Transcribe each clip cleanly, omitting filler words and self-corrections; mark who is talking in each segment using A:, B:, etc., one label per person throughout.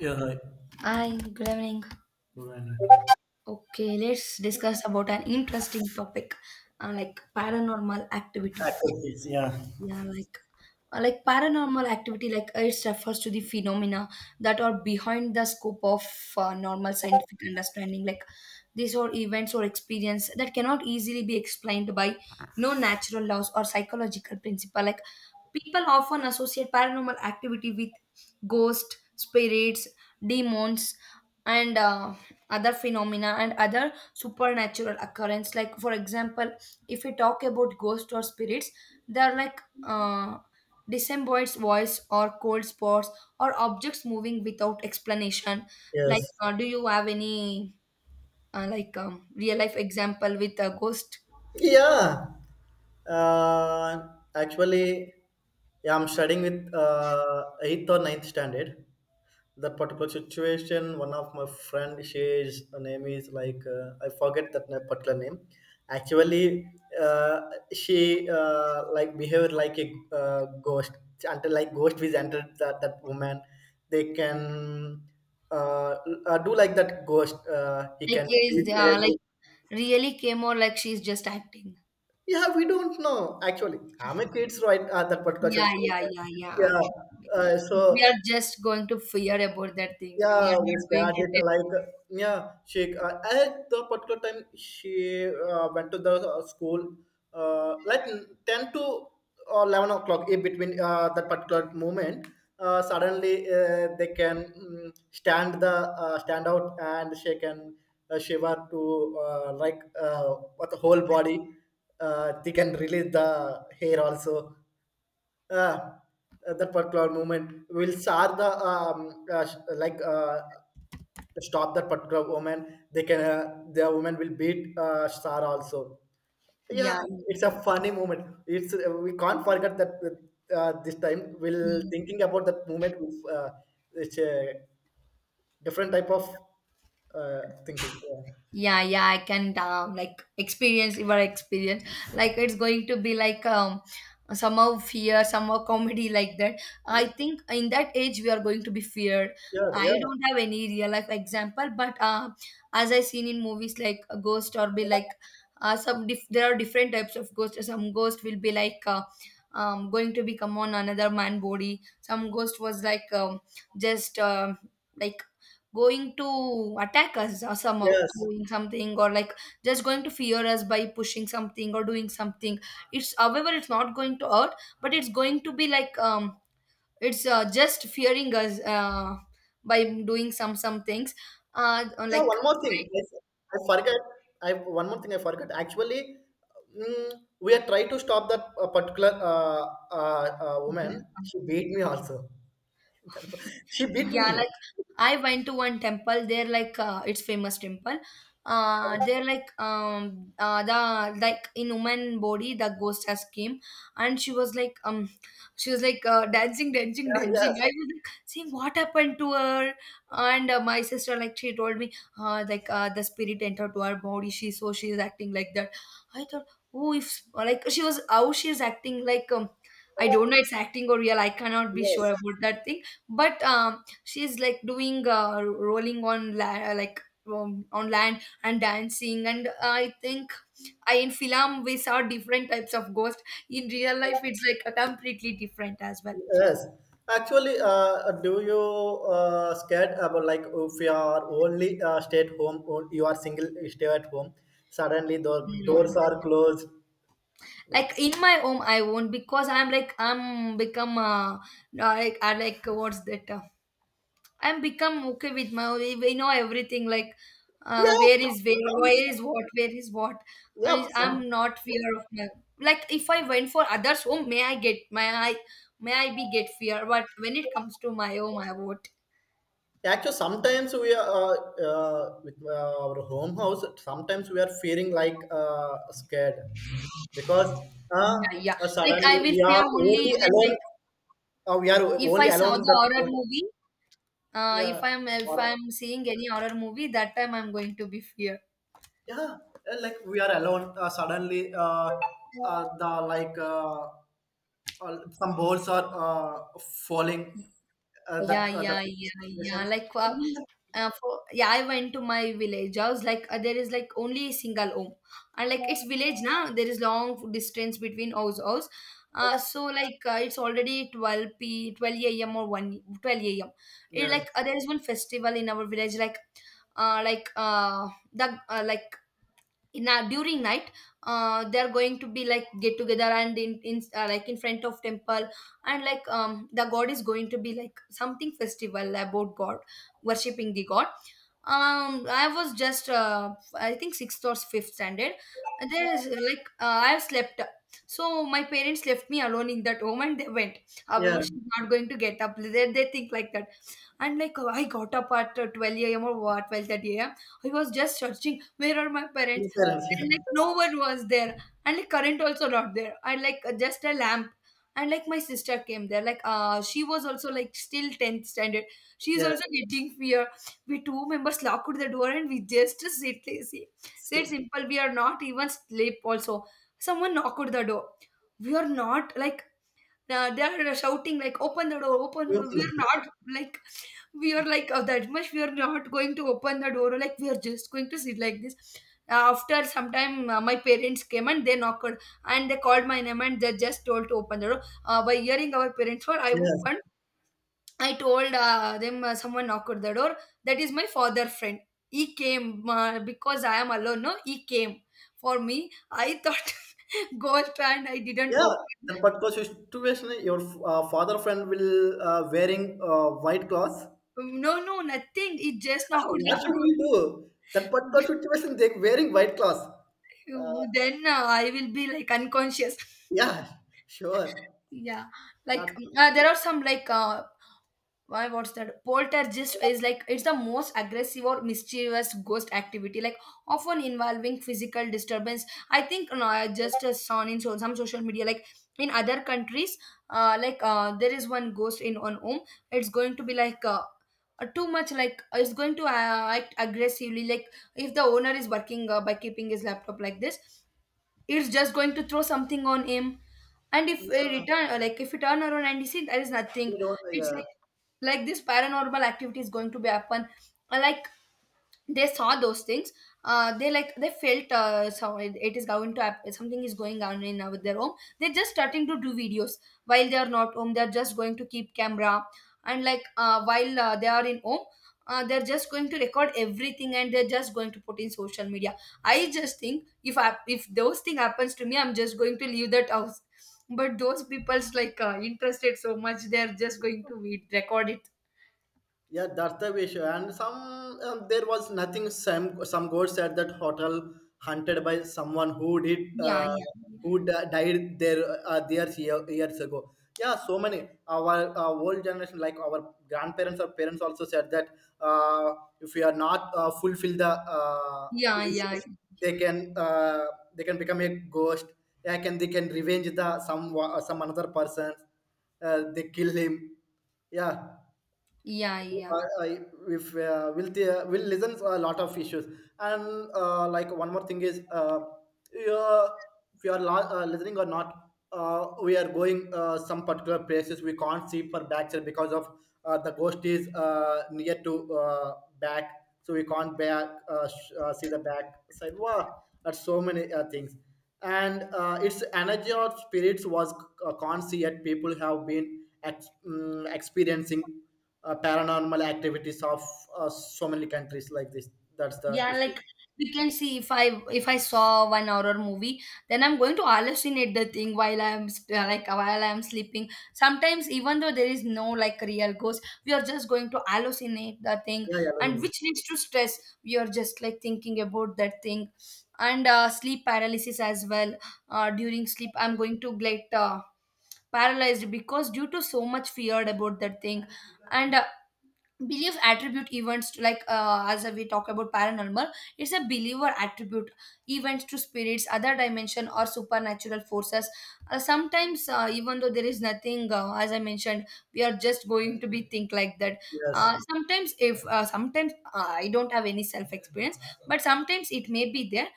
A: Yeah, hi.
B: Hi, good evening.
A: Good morning.
B: Okay, let's discuss about an interesting topic, like paranormal activity.
A: Activities, yeah,
B: Yeah, like paranormal activity, it refers to the phenomena that are behind the scope of normal scientific understanding. Like these are events or experience that cannot easily be explained by no natural laws or psychological principle. Like people often associate paranormal activity with ghosts, spirits, demons, and other phenomena and other supernatural occurrence. Like, for example, if we talk about ghosts or spirits, they are like disembodied voice or cold spots or objects moving without explanation.
A: yes.
B: Do you have any real life example with a ghost?
A: Yeah. Uh, Actually, yeah, I'm studying with eighth or ninth standard. That particular situation, one of my friend, she is her name is like I forget that particular name. Actually, uh, she like behaved like a ghost. Until like ghost is entered that woman, they can uh, do like that ghost. He
B: Like,
A: can
B: is
A: beat
B: like
A: everyone.
B: really came, or like she's just acting?
A: Yeah, we don't know. Actually, I'm a kids right at that particular church.
B: Yeah, yeah, yeah, yeah, I
A: Yeah.
B: can relate.
A: So
B: We are just going to fear about that thing. We
A: yeah,
B: are
A: we
B: not going to
A: started
B: take
A: like
B: it.
A: yeah, she at the particular time she went to the school, like 10 to or 11 o'clock in between, that particular moment. Suddenly they can stand the stand out, and she can shiver to like what the whole body. They can release the hair also. uh, the particular moment will sar the like stop that particular woman. They can the woman will beat sar also. Yeah,
B: Yeah,
A: it's a
B: yeah,
A: funny moment. It's We can't forget that. This time we'll
B: yeah.
A: thinking about that moment with. It's a different type of uh, thinking.
B: Yeah, yeah, I can like experience your experience. Like, it's going to be like, somehow fear, somehow comedy like that. I
A: Yeah,
B: think in that age we are going to be feared.
A: yeah, yeah,
B: I
A: yeah.
B: don't have any real life example, but as I seen in movies, like, a ghost or be like, there are different types of ghosts. Some ghost will be like, going to become on another man body. Some ghost was like, just like going to attack us or somehow
A: Yes.
B: doing something, or like just going to fear us by pushing something or doing something. It's however it's not going to hurt, but it's going to be like, it's just fearing us, by doing some things. uh
A: Yeah, one more thing. I forget. I One more thing I forgot. Actually, mm, we are trying to stop that particular
B: like
A: woman. She beat me also. She beat
B: Yeah,
A: me.
B: like, I went to one temple. They're like, it's famous temple. They're like, the, like, in woman body, the ghost has came, and she was like, she was like, dancing, dancing,
A: Yeah,
B: dancing.
A: yes,
B: I was like seeing what happened to her. And my sister, like, she told me, the spirit entered to her body. She so she is acting like that. I thought, oh, if like she was, how she is acting, like, I don't know it's acting or real. I cannot be sure
A: yes,
B: about that thing. But, she's like doing, rolling on like, on land and dancing, and I think, in film we saw different types of ghost. In real life it's like a completely different as well.
A: yes. Actually, do you scared about like if you are only stay at home, or you are single, you stay at home. Suddenly, the
B: No, no.
A: doors are closed.
B: Like in my home I won't, because I'm become like, I like what's that, I'm become okay with my own. We know everything, like,
A: Yeah,
B: where is,
A: some-
B: where is what, where is what.
A: yeah, some.
B: I'm not fear of my, like, if I went for others home, may I be get fear, but when it comes to my home, I would.
A: Actually, sometimes we are with our home house. Sometimes we are feeling like scared because uh,
B: Yeah, yeah, like
A: suddenly
B: I will
A: we
B: fear
A: are
B: only
A: only
B: when,
A: alone.
B: like,
A: We are
B: if I
A: only alone
B: saw
A: in
B: the
A: that
B: horror
A: room.
B: movie, if
A: Yeah,
B: I'm if
A: or,
B: I'm seeing any horror movie, that time I'm going to be fear.
A: yeah, like we are alone. Suddenly, the like some balls are falling.
B: Yeah,
A: That that.
B: yeah, yeah,
A: Yes,
B: yeah. Yeah, I went to my village. I was like, there is like only a single home, and like it's village now. There is long distance between house. So, like, it's already 12 p 12 a.m. or 1:12 a.m. It,
A: yes,
B: like, there is one festival in our village, like, now during night, they are going to be like get together, and in like, in front of temple, and like, the god is going to be like something festival about god, worshipping the god. I was just I think sixth or fifth standard. There is like, I have slept, so my parents left me alone in that home and they went.
A: yeah,
B: However, she's not going to get up, they think like that. And like, I got up at 12 a.m., or what, 12:30 a.m. I was just searching where are my parents,
A: silence,
B: and like, no one was there, and like, current also not there, and like, just a lamp. And like, my sister came there, she was also like, still 10th standard. She is
A: yeah,
B: also getting fear. We two members locked the door, and we just sit, see, said simple. We are not even sleep also. Someone knocked the door. We are not, like, they are shouting like, open the door, open the
A: yeah.
B: door. We are not, like, we are like, oh, that much we are not going to open the door. Like, we are just going to sit like this. After some time, my parents came and they knocked, and they called my name, and they just told to open the door. By hearing our parents were, I
A: Yes.
B: opened. I told them, someone knocked at the door. That is my father friend, he came, because I am alone no, he came for me. I thought ghost, and I didn't
A: Yeah.
B: open.
A: That particular situation, your father friend will wearing white cloth.
B: No, no, nothing, he just
A: Ah,
B: knocked at
A: what
B: the
A: should we
B: door.
A: do? That particular situation, they wearing white cloth.
B: Ooh,
A: Uh,
B: then I will be like unconscious.
A: yeah, sure.
B: Yeah, like,
A: That's,
B: there are some, like, why, what's that? Poltergeist is like, it's the most aggressive or mischievous ghost activity, like often involving physical disturbance. I think, no, I just saw in some social media, like in other countries, there is one ghost in one home. It's going to be like, too much, like, it's going to act aggressively. Like, if the owner is working, by keeping his laptop like this, it's just going to throw something on him, and if I return, like, if you turn around and you see there is nothing, it's
A: yeah.
B: like, this paranormal activity is going to be happen. Uh, like they saw those things, they like they felt, so it is going to happen, something is going on in, with their home. They're just starting to do videos. While they are not home, they're just going to keep camera, and like, while they are in home, they're just going to record everything, and they're just going to put in social media. I just think, if those thing happens to me, I'm just going to leave that house. But those people's like, interested so much, they're just going to record it.
A: Yeah, that's the issue. And some there was nothing. Some gods at that hotel hunted by someone who
B: Yeah, yeah,
A: died there there years ago. Yeah, so many our old generation, like our grandparents or parents, also said that uh, if we are not fulfill the
B: yeah, yeah,
A: wishes, they can uh, they can become a ghost. Yeah, can they can revenge the some another person? They kill him. Yeah,
B: yeah, yeah.
A: I if will will listen a lot of issues, and like one more thing is yeah, if you are listening or not, we are going some particular places we can't see for backside because of the ghost is near to back, so we can't back see the back side. Wow, that's so many things, and its energy or spirits was can't see yet. People have been experiencing paranormal activities of so many countries like this. That's the
B: Yeah,
A: issue.
B: like, we can see, if I saw one horror movie, then I'm going to hallucinate the thing while like while I'm sleeping. Sometimes, even though there is no like real ghost, we are just going to hallucinate the thing,
A: Yeah, yeah,
B: and which leads to stress. We are just like thinking about that thing, and sleep paralysis as well. During sleep, I'm going to get paralyzed because, due to so much feared about that thing, and belief attribute events to, as we talk about paranormal, it's a believer attribute events to spirits, other dimension, or supernatural forces. Sometimes, even though there is nothing, as I mentioned, we are just going to be think like that.
A: Yes,
B: Sometimes I don't have any self experience, but sometimes it may be there.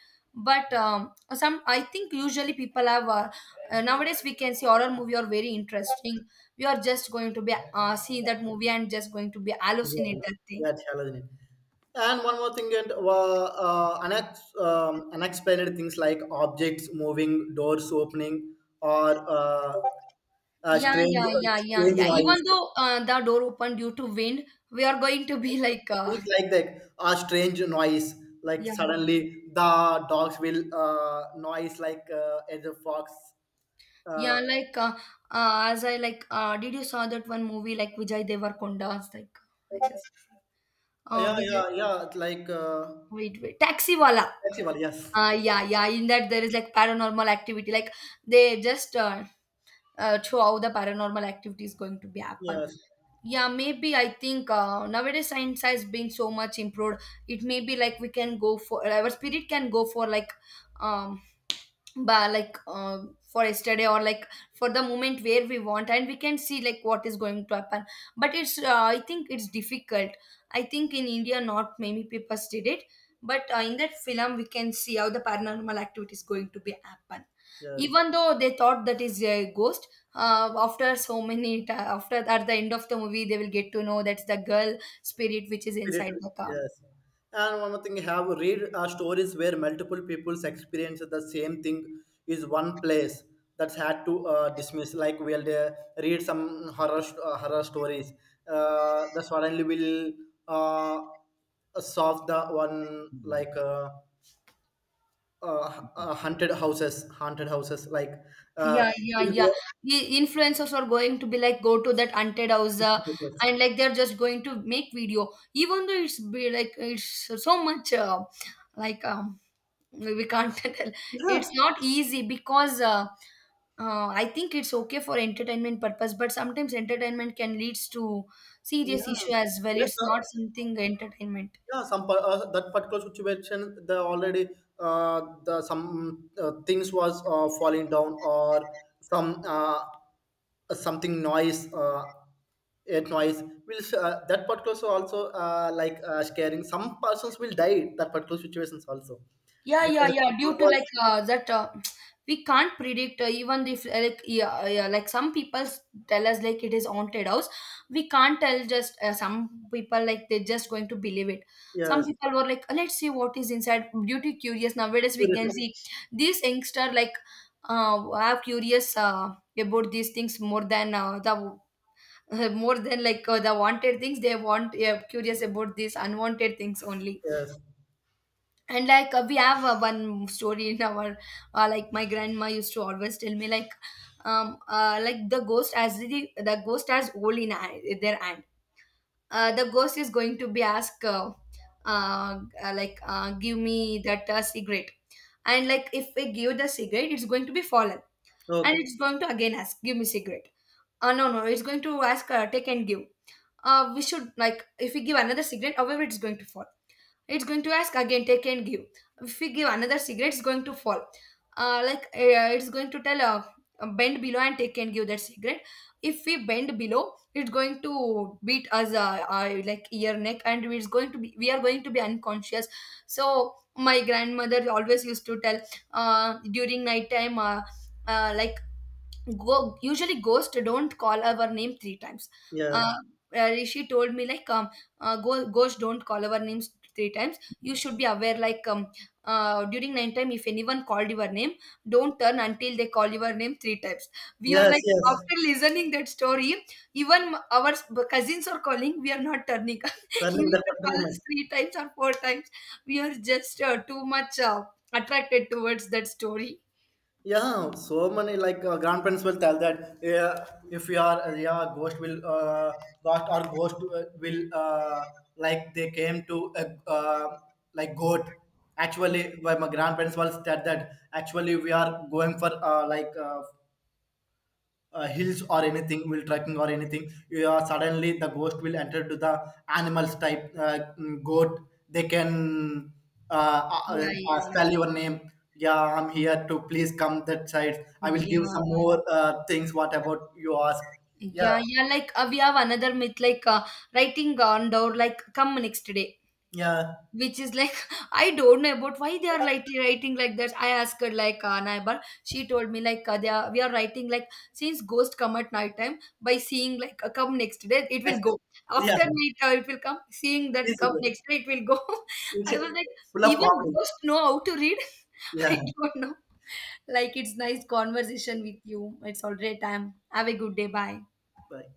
B: But some I think usually people have, nowadays we can see horror movie are very interesting. We are just going to be seeing that movie and just going to be
A: yeah,
B: hallucinate
A: yeah,
B: that thing.
A: yeah, it's Halloween. And one more thing, and unexplained things like objects moving, doors opening, or uh,
B: Yeah,
A: strange,
B: yeah, yeah, yeah,
A: strange,
B: yeah. Even
A: noise.
B: though the door opened due to wind, we are going to be like,
A: Things like that, or strange noise. Like
B: yeah,
A: suddenly the dogs will noise like as a fox. Uh,
B: yeah, as I like, did you saw that one movie like Vijay Devarkonda's, like, I
A: yeah,
B: Vijay,
A: yeah, yeah. Like
B: wait, wait, Taxi Wala.
A: festival, yes.
B: Yeah, yeah. In that, there is like paranormal activity. Like, they just show how the paranormal activity is going to be happen.
A: Yes,
B: Yeah, maybe, I think, nowadays science has been so much improved. It may be like, we can go for, our spirit can go for, like, um but like, for yesterday, or like, for the moment where we want, and we can see like what is going to happen. But it's I think it's difficult. I think in India not many people did it. But in that film we can see how the paranormal activity is going to be happen.
A: yes,
B: Even though they thought that is a ghost, after so many after, at the end of the movie they will get to know that's the girl spirit which is
A: spirit,
B: inside the car.
A: yes. And one more thing, have read stories where multiple people's experience the same thing is one place that's had to dismiss. Like we'll read some horror stories. The suddenly will uh, solve the one like haunted houses like uh,
B: Yeah, yeah,
A: we'll
B: yeah.
A: go.
B: The influencers are going to be like go to that haunted house, and like they're just going to make video, even though it's be like it's so much, like um, we can't tell.
A: Yeah,
B: It's not easy because I think it's okay for entertainment purpose, but sometimes entertainment can leads to serious
A: yeah.
B: issue as well.
A: Yes,
B: It's
A: sir.
B: not something entertainment.
A: Yeah, that particular situation, the already the some things was falling down, or some something noise, air noise. Will that particular so also like scaring. Some persons will die that particular situations also
B: Yeah, yeah,
A: because it
B: yeah. Due to
A: was
B: that, we can't predict even if like yeah, yeah, like tell us like it is haunted house. We can't tell just some people like they're just going to believe it. Some
A: yes,
B: people were like, let's see what is inside. Due to curious nowadays, we can
A: curiosity.
B: see these youngster like are curious about these things more than the more than the wanted things. They want, yeah, curious about these unwanted things only
A: Yes,
B: and we have one story in our like my grandma used to always tell me like the ghost as the ghost has hole in their hand. Uh, the ghost is going to be asked give me that cigarette, and like if we give the cigarette it's going to be fallen, and
A: oh
B: it's going to again ask give me cigarette. Uh, no no, it's going to ask, take and give. Uh, we should like if we give another cigarette, however it's going to fall. It's going to ask again, take and give. If we give another cigarette, it's going to fall. It's going to tell, bend below and take and give that cigarette. If we bend below, it's going to beat us like ear neck, and it's going to be we are going to be unconscious. So my grandmother always used to tell during night time. Uh, like Go, usually ghosts don't call our name 3 times.
A: yeah,
B: uh, Rishi told me like go, ghost don't call our names 3 times, you should be aware like during night time if anyone called your name, don't turn until they call your name 3 times. We are
A: yes,
B: like
A: yes,
B: after listening that story, even cousins are calling, we are not turning. He
A: running that
B: used to
A: particular
B: call us
A: moment.
B: 3 times or 4 times. We are just too much attracted towards that story.
A: Yeah, so many like grandparents will tell that yeah, if you are yeah ghost will ghost will like they came to uh, like goat. Actually, why my grandparents will said that actually we are going for like hills or anything will trekking or anything, you are suddenly the ghost will enter to the animals type goat. They can uh,
B: Yeah, yeah.
A: spell your name. Yeah, I'm here to please come that side. I will
B: Yeah,
A: give some
B: yeah.
A: more things. What about you ask? Yeah,
B: Yeah, yeah. We have another myth, writing on door, like come next day,
A: yeah.
B: which is like I don't know about why they are like writing like that. I asked her like neighbor, she told me like they are we are writing like since ghost come at night time by seeing come next day it will
A: That's-
B: go.
A: yeah,
B: After night it will come, seeing that
A: it's
B: come
A: good.
B: next day it will go. I
A: It's
B: was like
A: full of
B: even
A: comedy.
B: ghost know how to read. I
A: Yeah,
B: don't know. Like it's nice conversation with you. It's already time. Have a good day. Bye.
A: bye.